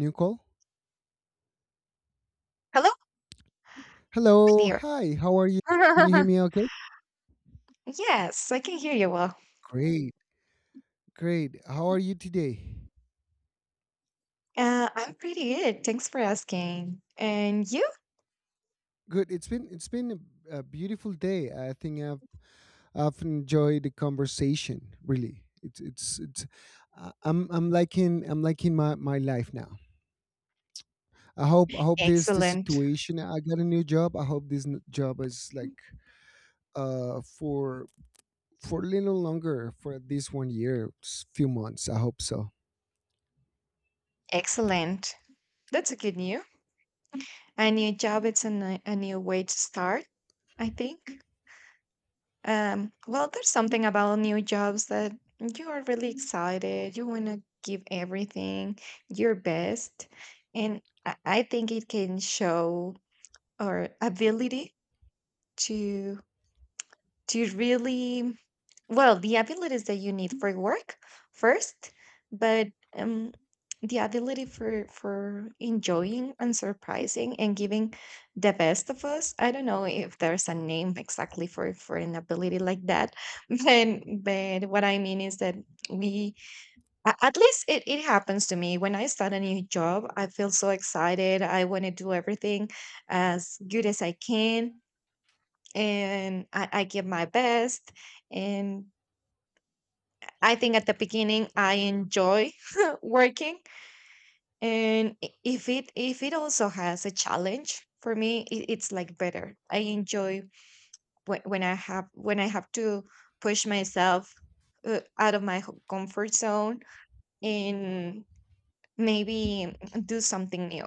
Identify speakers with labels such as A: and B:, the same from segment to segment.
A: New call.
B: Hello,
A: Hello,
B: dear.
A: hi, how are you? Can you hear me okay?
B: Yes, I can hear you well.
A: Great, great. How are you today?
B: I'm pretty good. Thanks for asking. And you?
A: Good. It's been a beautiful day. I think I've enjoyed the conversation. Really, it's it's. I- I'm liking my my life now. I hope this this
B: Excellent.
A: situation. I got a new job. I hope this job is like uh for for a little longer for at least 1 year, few months. I hope so.
B: Excellent. That's a good news. A new job, it's a, a new way to start, I think. Well, there's something about new jobs that you are really excited. You want to give everything, your best. And I think it can show our ability to really. Well, the abilities that you need for work first, but um, the ability for enjoying and surprising and giving the best of us. I don't know if there's a name exactly for an ability like that, but what I mean is that we at least it happens to me when I start a new job. I feel so excited. I want to do everything as good as I can, and I give my best. And I think at the beginning I enjoy working, and if it also has a challenge for me, it's like better. I enjoy when I have to push myself, out of my comfort zone, and maybe do something new.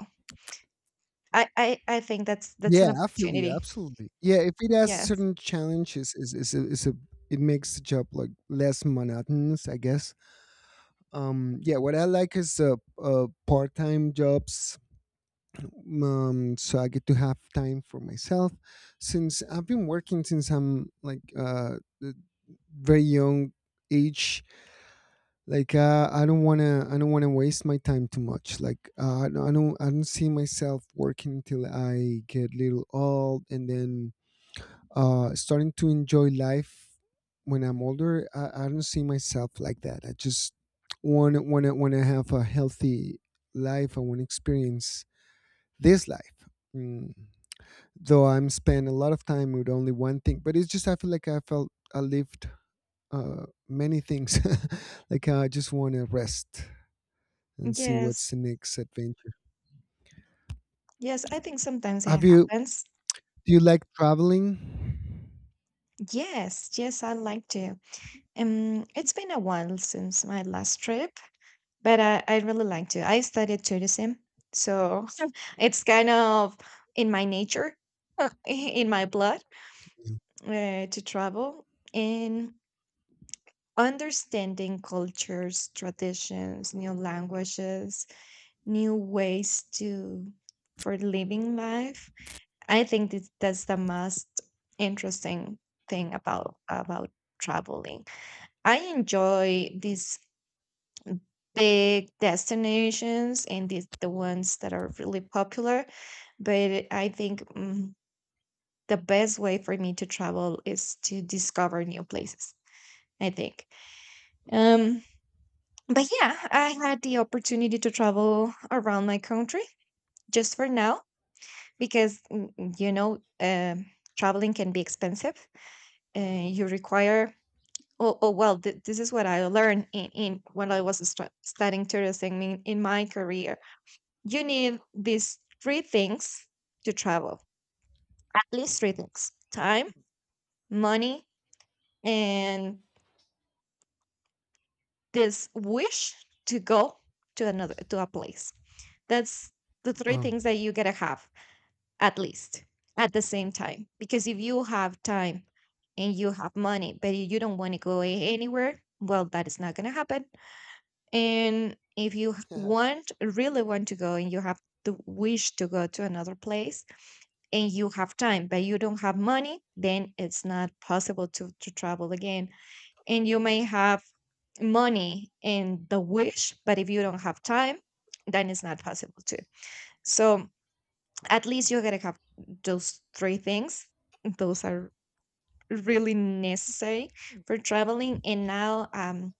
B: I think that's
A: Yeah,
B: an
A: I feel you,
B: opportunity.
A: absolutely. Yeah, if it has
B: Yes,
A: certain challenges, is a it makes the job like less monotonous, I guess. Yeah, what I like is part time jobs, so I get to have time for myself. Since I've been working since I'm like the very young age, like I don't wanna waste my time too much. Like I don't see myself working till I get little old, and then starting to enjoy life when I'm older. I don't see myself like that. I just want to have a healthy life. I want to experience this life. Mm. Though I'm spend a lot of time with only one thing, but it's just I feel like I felt I lived many things. Like I just want to rest and see
B: yes,
A: what's the next adventure.
B: yes. I think sometimes it
A: Have you?
B: happens.
A: Do you like traveling?
B: Yes, yes. I like to. It's been a while since my last trip, but I really like to. I studied tourism, so it's kind of in my nature, in my blood,
A: Yeah.
B: to travel and understanding cultures, traditions, new languages, new ways to for living life. I think that that's the most interesting thing about traveling. I enjoy this big destinations and the ones that are really popular. But I think the best way for me to travel is to discover new places, I think. Um, but yeah, I had the opportunity to travel around my country just for now because, traveling can be expensive. Uh, you require. Oh, oh well, this is what I learned in when I was studying tourism in my career. You need these three things to travel, at least three things: time, money, and this wish to go to another, to a place. That's the three
A: Oh.
B: things that you gotta have at least at the same time. Because if you have time and you have money, but you don't want to go anywhere, well, that is not gonna happen. And if you want, really want to go, and you have the wish to go to another place, and you have time, but you don't have money, then it's not possible to travel again. And you may have money and the wish, but if you don't have time, then it's not possible to. So at least you're gonna have those three things. Those are really necessary for traveling. And now,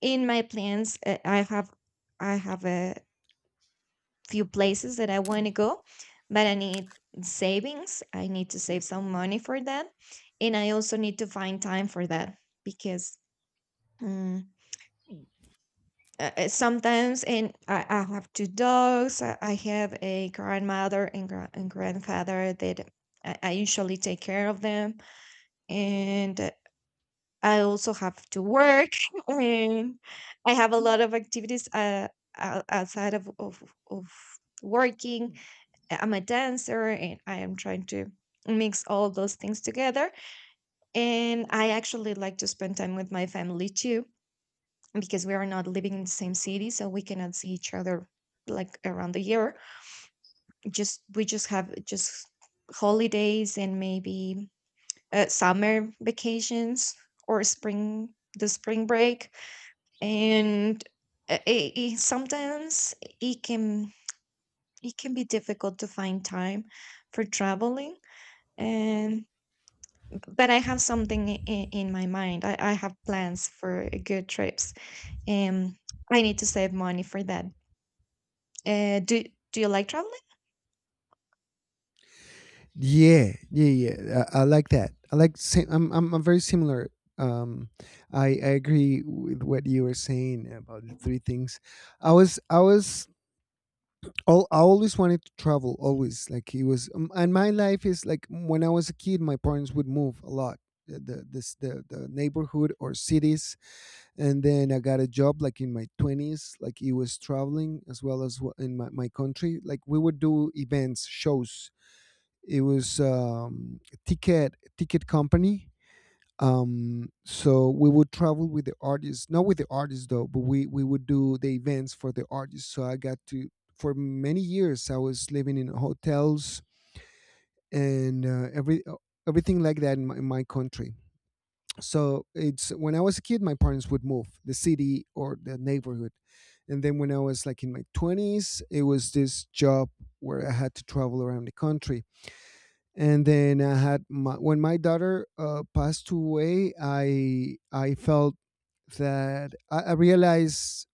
B: in my plans, I have. I have a few places that I want to go, but I need savings. I need to save some money for that. And I also need to find time for that because mm, sometimes, and I have two dogs, I have a grandmother and, and grandfather that I usually take care of them. And I also have to work. And I have a lot of activities, outside of working. I'm a dancer, and I am trying to mix all of those things together. And I actually like to spend time with my family too, because we are not living in the same city, so we cannot see each other like around the year. Just we just have just holidays and maybe summer vacations or spring the spring break, and sometimes it can be difficult to find time for traveling, and but I have something in my mind. I have plans for good trips, and I need to save money for that. Uh, do Do you like traveling?
A: Yeah, yeah, yeah. I like that. I like. Same, I'm, I'm. I'm very similar. Um, I agree with what you were saying about the 3 things. I was I was. I always wanted to travel. Always like it was. And my life is like when I was a kid, my parents would move a lot. The neighborhood or cities, and then I got a job like in my 20s. Like it was traveling as well, in my country, like we would do events shows. It was a ticket company. So we would travel with the artists, not with the artists though, but we would do the events for the artists. So I got to, for many years, I was living in hotels and everything like that in in my country. So it's, when I was a kid, my parents would move the city or the neighborhood, and then when I was like in my twenties, it was this job where I had to travel around the country. And then when my daughter passed away, I felt that I realized,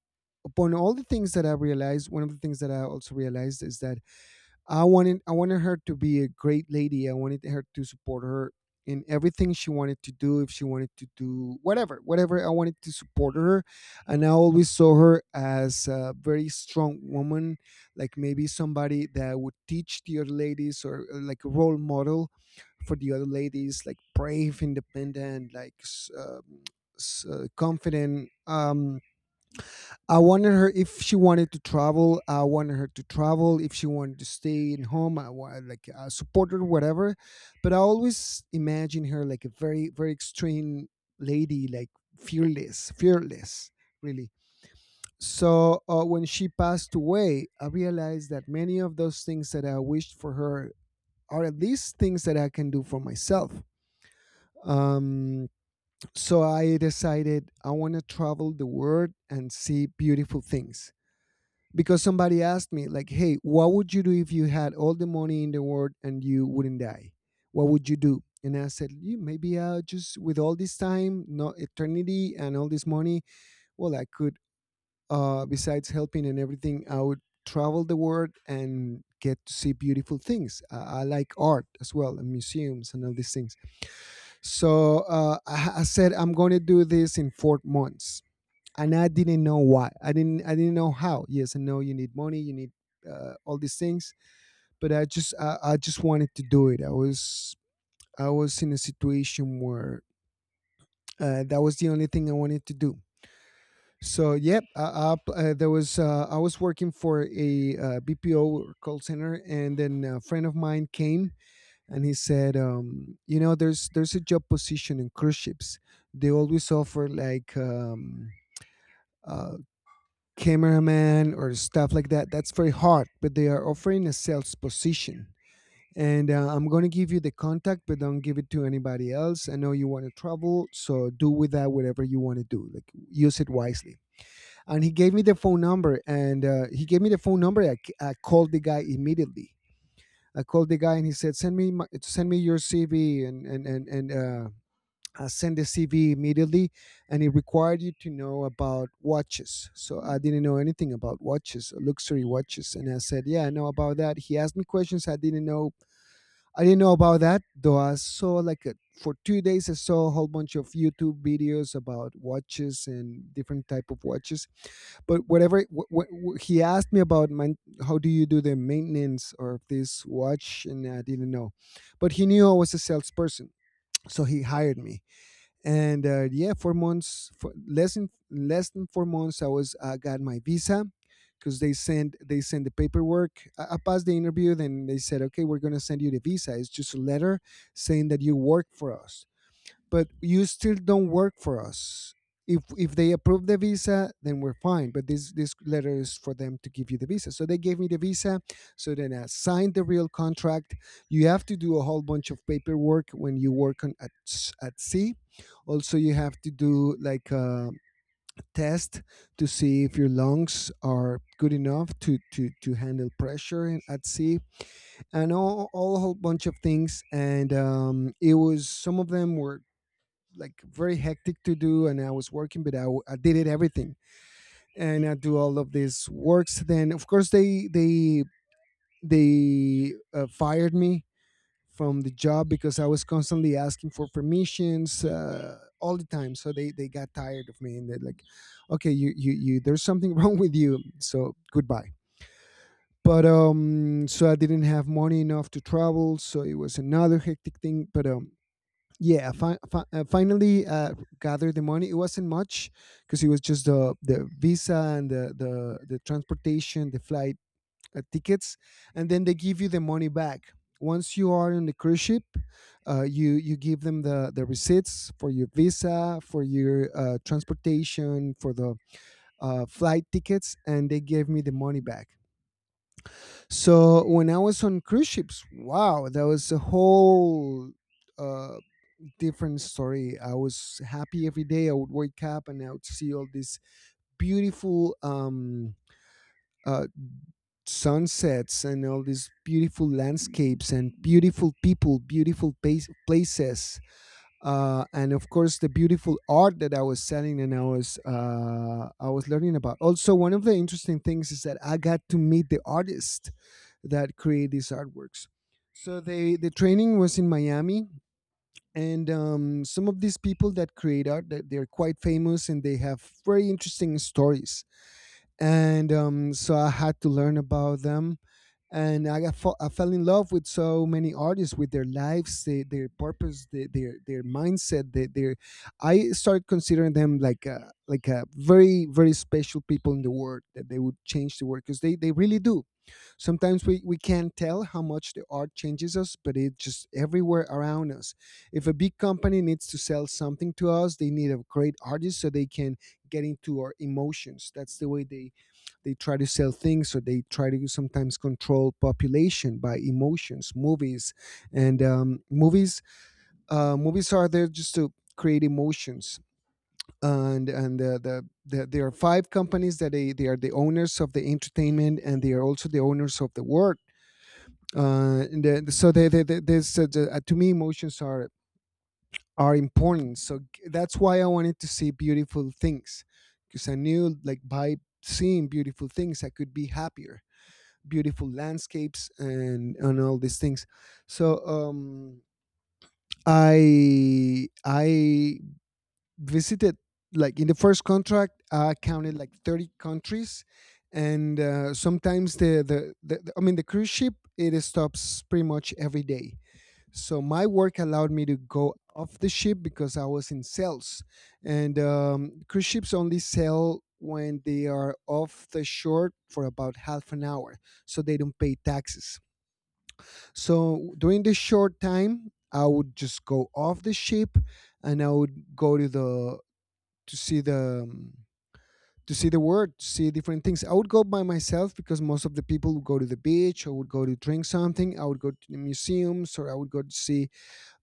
A: upon all the things that I realized, one of the things that I also realized is that I wanted her to be a great lady. I wanted her to support her in everything she wanted to do. If she wanted to do whatever, whatever, I wanted to support her, and I always saw her as a very strong woman, like maybe somebody that would teach the other ladies, or like a role model for the other ladies, like brave, independent, confident. I wanted her, if she wanted to travel, I wanted her to travel. If she wanted to stay in home, like I support her, whatever. But I always imagine her like a very, very extreme lady, like fearless, fearless, really. So when she passed away, I realized that many of those things that I wished for her are at least things that I can do for myself. Um, so I decided I want to travel the world and see beautiful things, because somebody asked me like, hey, what would you do if you had all the money in the world and you wouldn't die, what would you do? And I said, Maybe I just, with all this time, not eternity, and all this money, well, I could, besides helping and everything, I would travel the world and get to see beautiful things." I like art as well, and museums and all these things. So I said, I'm going to do this in 4 months. And I didn't know why. I didn't know how. Yes, I know you need money, you need all these things, but I just wanted to do it. I was in a situation where that was the only thing I wanted to do. So yep, I was working for a BPO or call center, and then a friend of mine came and he said, you know, there's a job position in cruise ships. They always offer like uh, cameraman or stuff like that. That's very hard, but they are offering a sales position. And I'm going to give you the contact, but don't give it to anybody else. I know you want to travel, so do with that whatever you want to do. Like use it wisely. And he gave me the phone number, and he gave me the phone number. I called the guy immediately. I called the guy, and he said, "Send me send me your CV, and send the CV immediately," and it required you to know about watches. So I didn't know anything about watches, luxury watches, and I said, "Yeah, I know about that." He asked me questions I didn't know. I didn't know about that, though. I saw like a, for 2 days, I saw a whole bunch of YouTube videos about watches and different type of watches. But whatever, he asked me about, man, how do you do the maintenance of this watch, and I didn't know. But he knew I was a salesperson, so he hired me, and yeah, 4 months, for less than 4 months, I got my visa, because they send the paperwork. I passed the interview, then they said, okay, we're gonna send you the visa. It's just a letter saying that you work for us, but you still don't work for us. If they approve the visa, then we're fine. But this letter is for them to give you the visa. So they gave me the visa. So then I signed the real contract. You have to do a whole bunch of paperwork when you work on at sea. Also, you have to do like a test to see if your lungs are good enough to to handle pressure at sea, and all a whole bunch of things. And it was, some of them were like very hectic to do, and I was working but I, w- I did it everything. And I do all of these works, then of course they fired me from the job because I was constantly asking for permissions all the time. So they got tired of me, and they're like, okay, you, there's something wrong with you, so goodbye. But so I didn't have money enough to travel, so it was another hectic thing. But yeah, finally gathered the money. It wasn't much, because it was just the visa and the transportation, the flight tickets. And then they give you the money back once you are on the cruise ship. You give them the receipts for your visa, for your transportation, for the flight tickets, and they gave me the money back. So when I was on cruise ships, wow, that was a whole uh different story. I was happy every day. I would wake up and I would see all these beautiful uh, sunsets, and all these beautiful landscapes and beautiful people, beautiful places, and of course the beautiful art that I was selling and I was learning about. Also, one of the interesting things is that I got to meet the artists that create these artworks. So the training was in Miami. And some of these people that create art, that they're quite famous and they have very interesting stories. And so I had to learn about them. And I fell in love with so many artists, with their lives, their purpose, their, their mindset, their I started considering them like a very very special people in the world, that they would change the world, because they really do. Sometimes we can't tell how much the art changes us, but it's just everywhere around us. If a big company needs to sell something to us, they need a great artist so they can get into our emotions. That's the way they try to sell things, or they try to sometimes control population by emotions, movies. And movies Movies are there just to create emotions. And and the, the, the there are five companies that they are the owners of the entertainment, and they are also the owners of the world. Uh, and the, so they, there's the- To me, emotions are important, that's why I wanted to see beautiful things, because I knew, like, by seeing beautiful things I could be happier. Beautiful landscapes, and all these things. So I visited, like, in the first contract I counted like 30 countries. And sometimes I mean, the cruise ship, it stops pretty much every day, so my work allowed me to go off the ship because I was in sales, and cruise ships only sail when they are off the shore for about half an hour, so they don't pay taxes. So during this short time, I would just go off the ship, and I would go to the to see the. To see the world, to see different things. I would go by myself because most of the people would go to the beach or would go to drink something. I would go to the museums, or I would go to see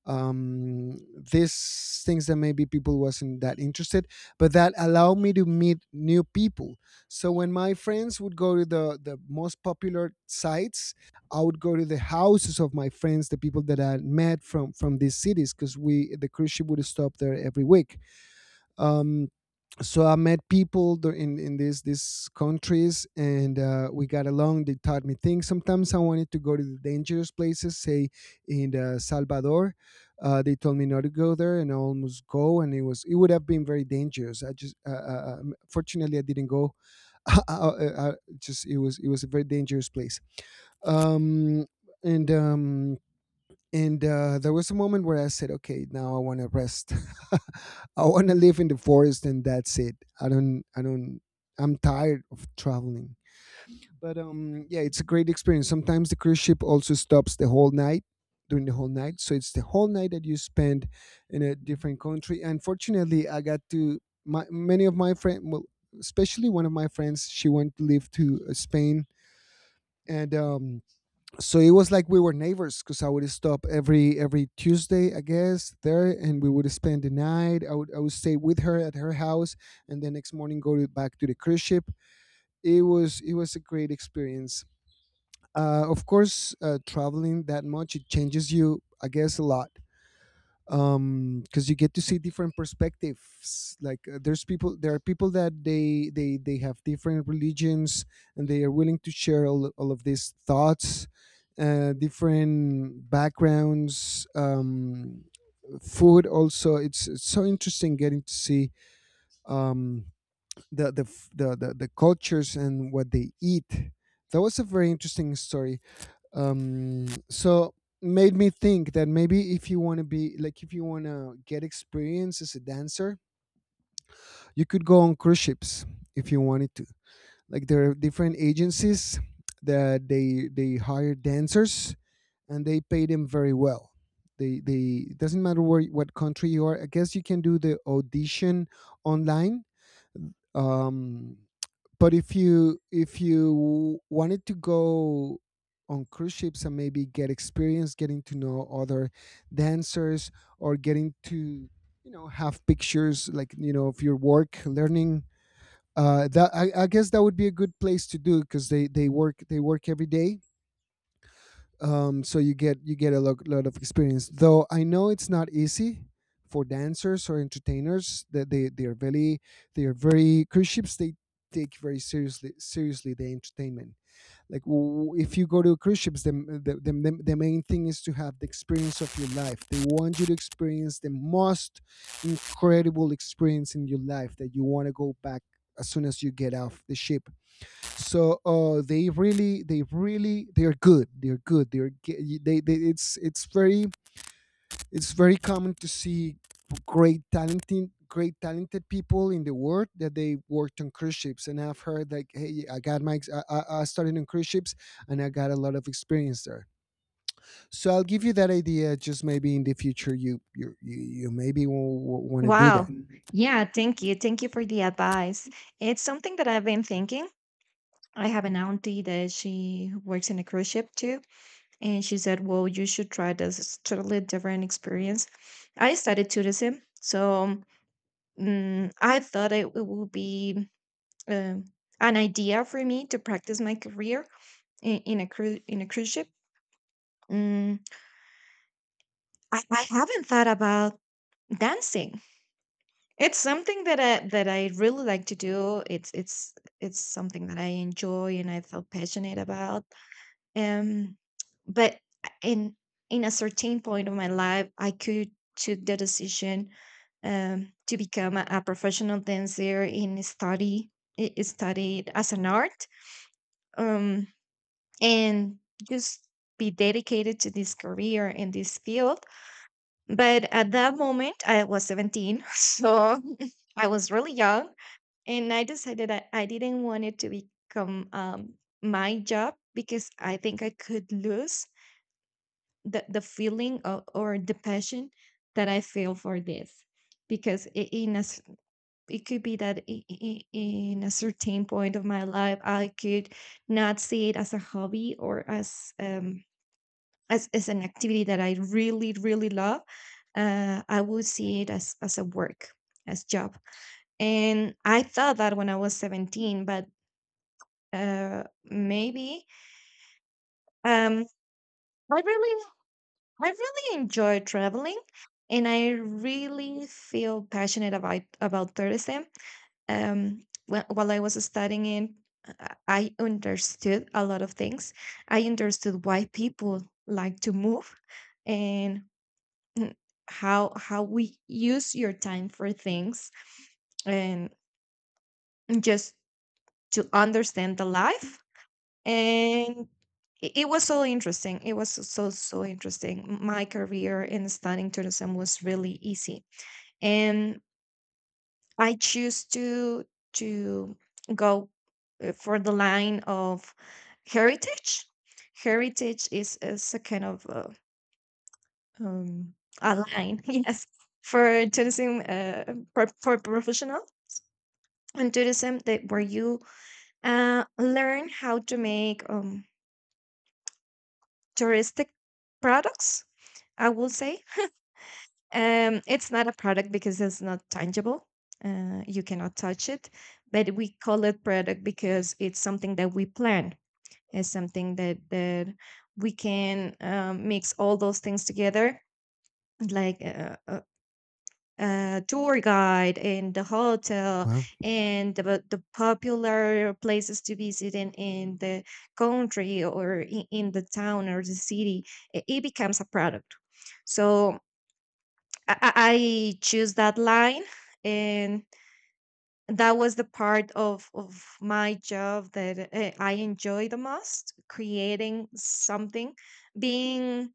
A: um, these things that maybe people wasn't that interested, but that allowed me to meet new people. So when my friends would go to the most popular sites, I would go to the houses of my friends, the people that I met from these cities, because we the cruise ship would stop there every week. Um, so I met people in these countries, and we got along. They taught me things. Sometimes I wanted to go to the dangerous places, say in Salvador. They told me not to go there, and I almost go, and it would have been very dangerous. I just fortunately I didn't go. I just, it was a very dangerous place. Um, and um, and There was a moment where I said, "Okay, now I want to rest. I want to live in the forest, and that's it. I don't, I don't. I'm tired of traveling." But yeah, it's a great experience. Sometimes the cruise ship also stops the whole night, during the whole night, so it's the whole night that you spend in a different country. Unfortunately, I got to my many of my friends, well, especially one of my friends, she went to live to Spain, and so it was like we were neighbors, because I would stop every Tuesday, I guess, there, and we would spend the night. I would stay with her at her house, and the next morning go to, back to the cruise ship. It was a great experience. Of course, traveling that much, it changes you, I guess, a lot, um, because you get to see different perspectives, like, there are people that they have different religions, and they are willing to share all of these thoughts, different backgrounds, um, food also, it's so interesting getting to see, um, the cultures and what they eat. That was a very interesting story. So made me think that maybe if you want to be, like, if you want to get experience as a dancer, you could go on cruise ships, if you wanted to, like, there are different agencies that they hire dancers, and they pay them very well. They it doesn't matter where what country you are, I guess you can do the audition online. um but if you wanted to go on cruise ships, and maybe get experience, getting to know other dancers, or getting to, you know, have pictures, like, you know, of your work, learning, I guess that would be a good place to do, because they work every day, so you get a lot of experience. Though I know it's not easy for dancers or entertainers. That they are very, they are very, cruise ships. They take very seriously seriously the entertainment. Like, if you go to cruise ships, the main thing is to have the experience of your life. They want you to experience the most incredible experience in your life, that you want to go back as soon as you get off the ship. So they really, they are good they are good they are ge- they, it's very, it's very common to see great talented people in the world that they worked on cruise ships. And I've heard like, hey, I got my ex- I started on cruise ships and I got a lot of experience there. So I'll give you that idea, just maybe in the future you maybe want to do
B: Wow.
A: that.
B: Yeah, thank you. Thank you for the advice. It's something that I've been thinking. I have an auntie that she works in a cruise ship too, and she said, "Well, you should try this. It's totally different experience." I studied tourism, so I thought it would be um, an idea for me to practice my career in a in a cruise ship. Mm, I haven't thought about dancing. It's something that I really like to do. It's something that I enjoy and I feel passionate about. Um, but in in a certain point of my life, I could took the decision, to become a professional dancer and study. I studied as an art. Um, and Just be dedicated to this career in this field. But at that moment, I was 17. So I was really young. And I decided that I didn't want it to become, my job, because I think I could lose the feeling of, or the passion that I feel for this. Because in a, it could be that in a certain point of my life, I could not see it as a hobby or as, as an activity that I really, really love, I would see it as a work, as job. And I thought that when I was 17, but maybe um, I really, I really enjoy traveling. And I really feel passionate about tourism. Um, while I was studying it, I understood a lot of things. I understood why people like to move, and mm, how we use your time for things, and just to understand the life. And it was so interesting. It was so so interesting. My career in studying tourism was really easy, and I choose to to go for the line of heritage. Heritage is a kind of, um, a line, yes, for tourism, for professionals and tourism that where you learn how to make, touristic products, I will say. It's not a product because it's not tangible. You cannot touch it, but we call it product because it's something that we plan. It's something that we can, mix all those things together, like, tour guide and the hotel,
A: Wow.
B: and the popular places to visit in the country, or in the town or the city. It becomes a product. So I choose that line, and that was the part of my job that I enjoy the most: creating something, being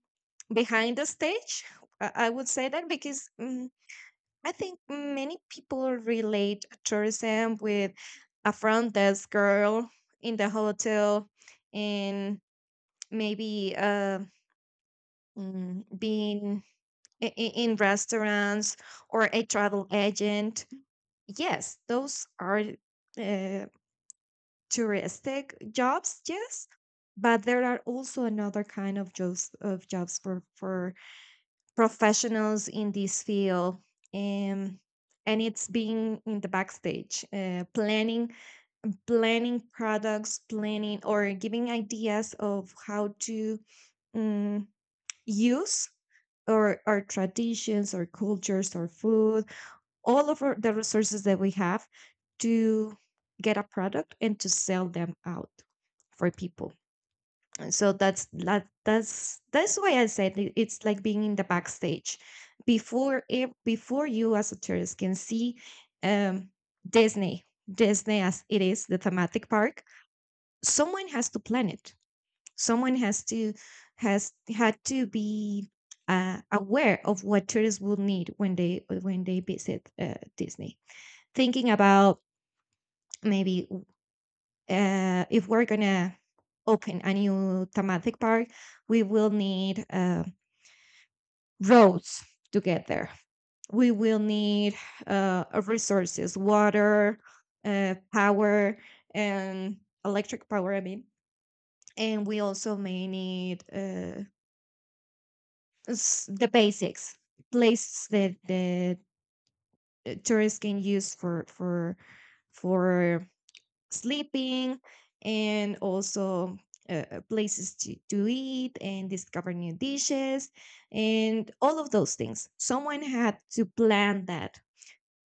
B: behind the stage. I would say that because I think many people relate tourism with a front desk girl in the hotel, and maybe, being in restaurants or a travel agent. Yes, those are, uh, touristic jobs, yes, but there are also another kind of jobs for professionals in this field, and and it's being in the backstage, planning, planning products, planning or giving ideas of how to, um, use or our traditions or cultures or food, all of our, the resources that we have to get a product and to sell them out for people. So that's that's why I said it's like being in the backstage before before you as a tourist can see, um Disney. Disney, as it is the thematic park, someone has to plan it. Someone has to has had to be, aware of what tourists will need when they visit, Disney, thinking about maybe, if we're gonna open a new thematic park, we will need, roads to get there. We will need, resources: water, power, and electric power. I mean, and we also may need, the basics, places that the tourists can use for for sleeping, and also, places to eat and discover new dishes. And all of those things someone had to plan that,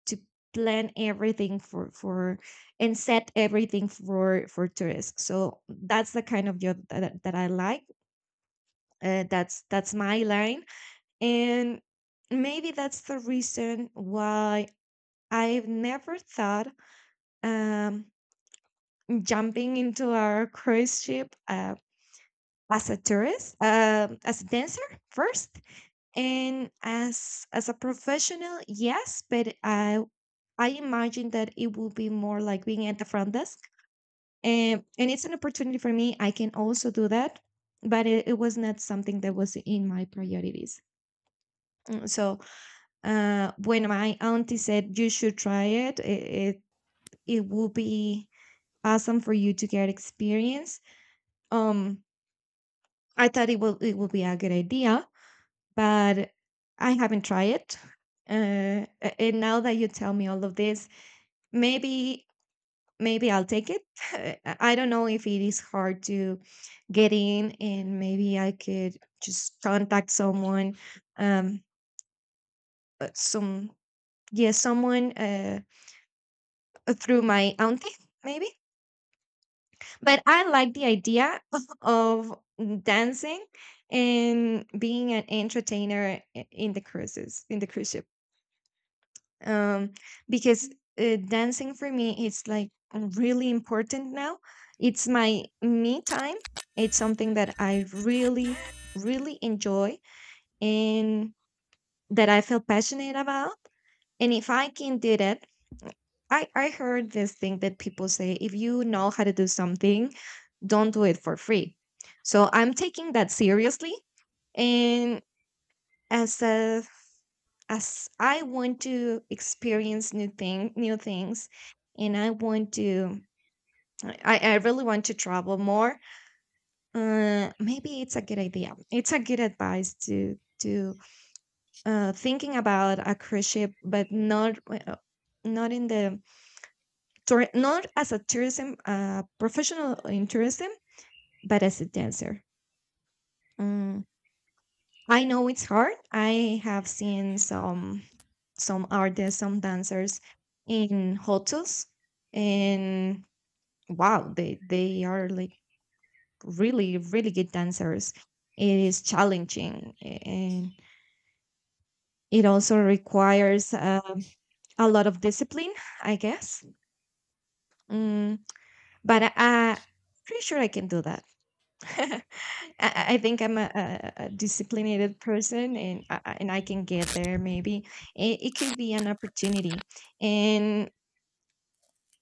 B: to plan everything for and set everything for tourists. So that's the kind of job that, that I like. That's my line, and maybe that's the reason why I've never thought, um, jumping into our cruise ship, as a tourist, as a dancer first, and as a professional, yes. But I imagine that it will be more like being at the front desk, and it's an opportunity for me. I can also do that, but it was not something that was in my priorities. So, when my auntie said you should try it, it will be awesome for you to get experience. Um, I thought it will be a good idea, but I haven't tried it. And now that you tell me all of this, maybe I'll take it. I don't know if it is hard to get in, and maybe I could just contact someone, um, some yeah, someone through my auntie, maybe. But I like the idea of dancing and being an entertainer in the cruises in the cruise ship. Um, because Dancing for me is like really important now. It's my me time. It's something that I really, really enjoy, and that I feel passionate about. And if I can do that, I heard this thing that people say: if you know how to do something, don't do it for free. So I'm taking that seriously. And as a as I want to experience new new things, and I want to, I really want to travel more. Maybe it's a good idea. It's a good advice to, thinking about a cruise ship, but not, not in the tour, not as a tourism, professional in tourism, but as a dancer. Mm, I know it's hard. I have seen some artists, some dancers in hotels, and wow, they are like really really good dancers. It is challenging, and it also requires, a lot of discipline, I guess. Mm, I'm pretty sure I can do that. I, I think I'm a disciplined person, and and I can get there. Maybe it could be an opportunity, and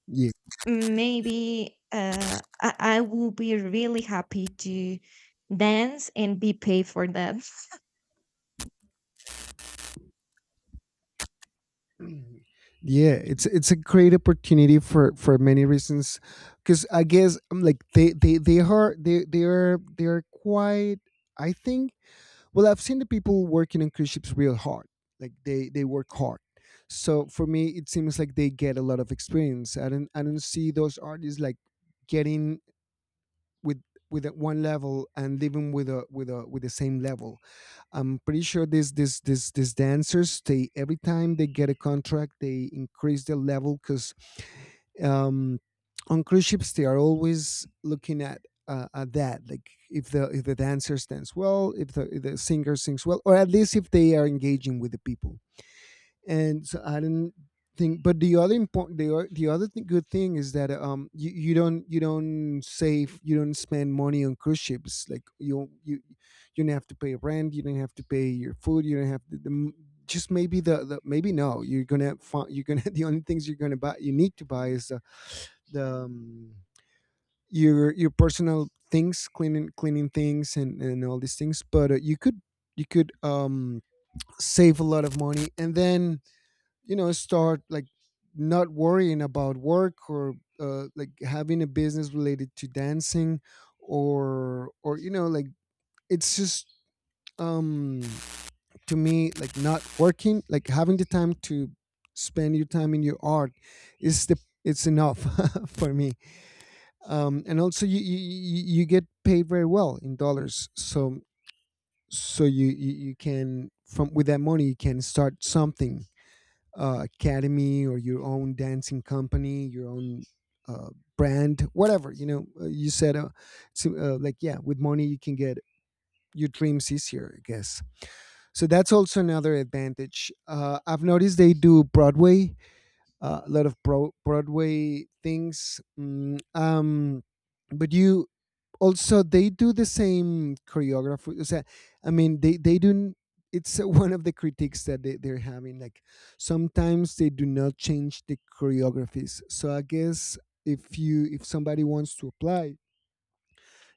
A: Yeah,
B: maybe, I will be really happy to dance and be paid for that.
A: yeah, it's a great opportunity for many reasons. Because I guess, like they are quite, I think, well, I've seen the people working on cruise ships real hard. Like they work hard, so for me it seems like they get a lot of experience. I don't see those artists like getting with with one level and living with a with the same level. I'm pretty sure these this this these dancers, they, every time they get a contract, they increase their level, because, um, on cruise ships they are always looking at. At that, like, if the dancer stands well, if the singer sings well, or at least if they are engaging with the people. And so I didn't think. But the other important, the o- the other thing, good thing, is that, you don't you don't spend money on cruise ships. Like you you don't have to pay rent, you don't have to pay your food, you don't have to. Just maybe the maybe no, you're gonna the only things you're gonna buy, you need to buy, is the your personal things, cleaning things and all these things. But you could save a lot of money, and then, you know, start like not worrying about work, or, like having a business related to dancing, or, you know, like, it's just, um, to me, like, not working, like, having the time to spend your time in your art, is the, it's enough for me. And also, you you get paid very well in dollars. So so you can, from, with that money you can start something, academy, or your own dancing company, your own, uh, brand, whatever. You know, you said, so, like, yeah, with money you can get your dreams easier, I guess. So that's also another advantage. I've noticed they do Broadway, a lot of Broadway things. Mm, but you, also they do the same choreography. O sea, I mean they do. It's one of the critiques that they're having. Like, sometimes they do not change the choreographies. So I guess if you if somebody wants to apply,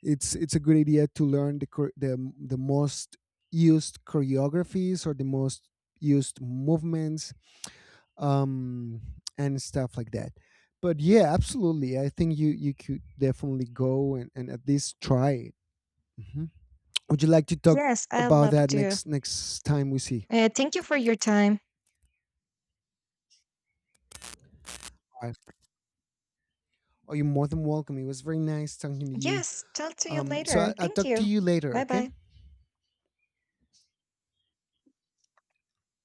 A: it's a good idea to learn the most used choreographies, or the most used movements, um, and stuff like that. But yeah, absolutely. I think you could definitely go, and at least try it. Mhm. Would you like to talk
B: Yes, I
A: about
B: love
A: that
B: to.
A: next time we see?
B: Thank you for your time.
A: All right. Oh, you're more than welcome. It was very nice talking to you.
B: Yes, talk to you later.
A: I'll
B: Thank
A: talk to
B: you.
A: you later.
B: Bye
A: Okay.
B: bye.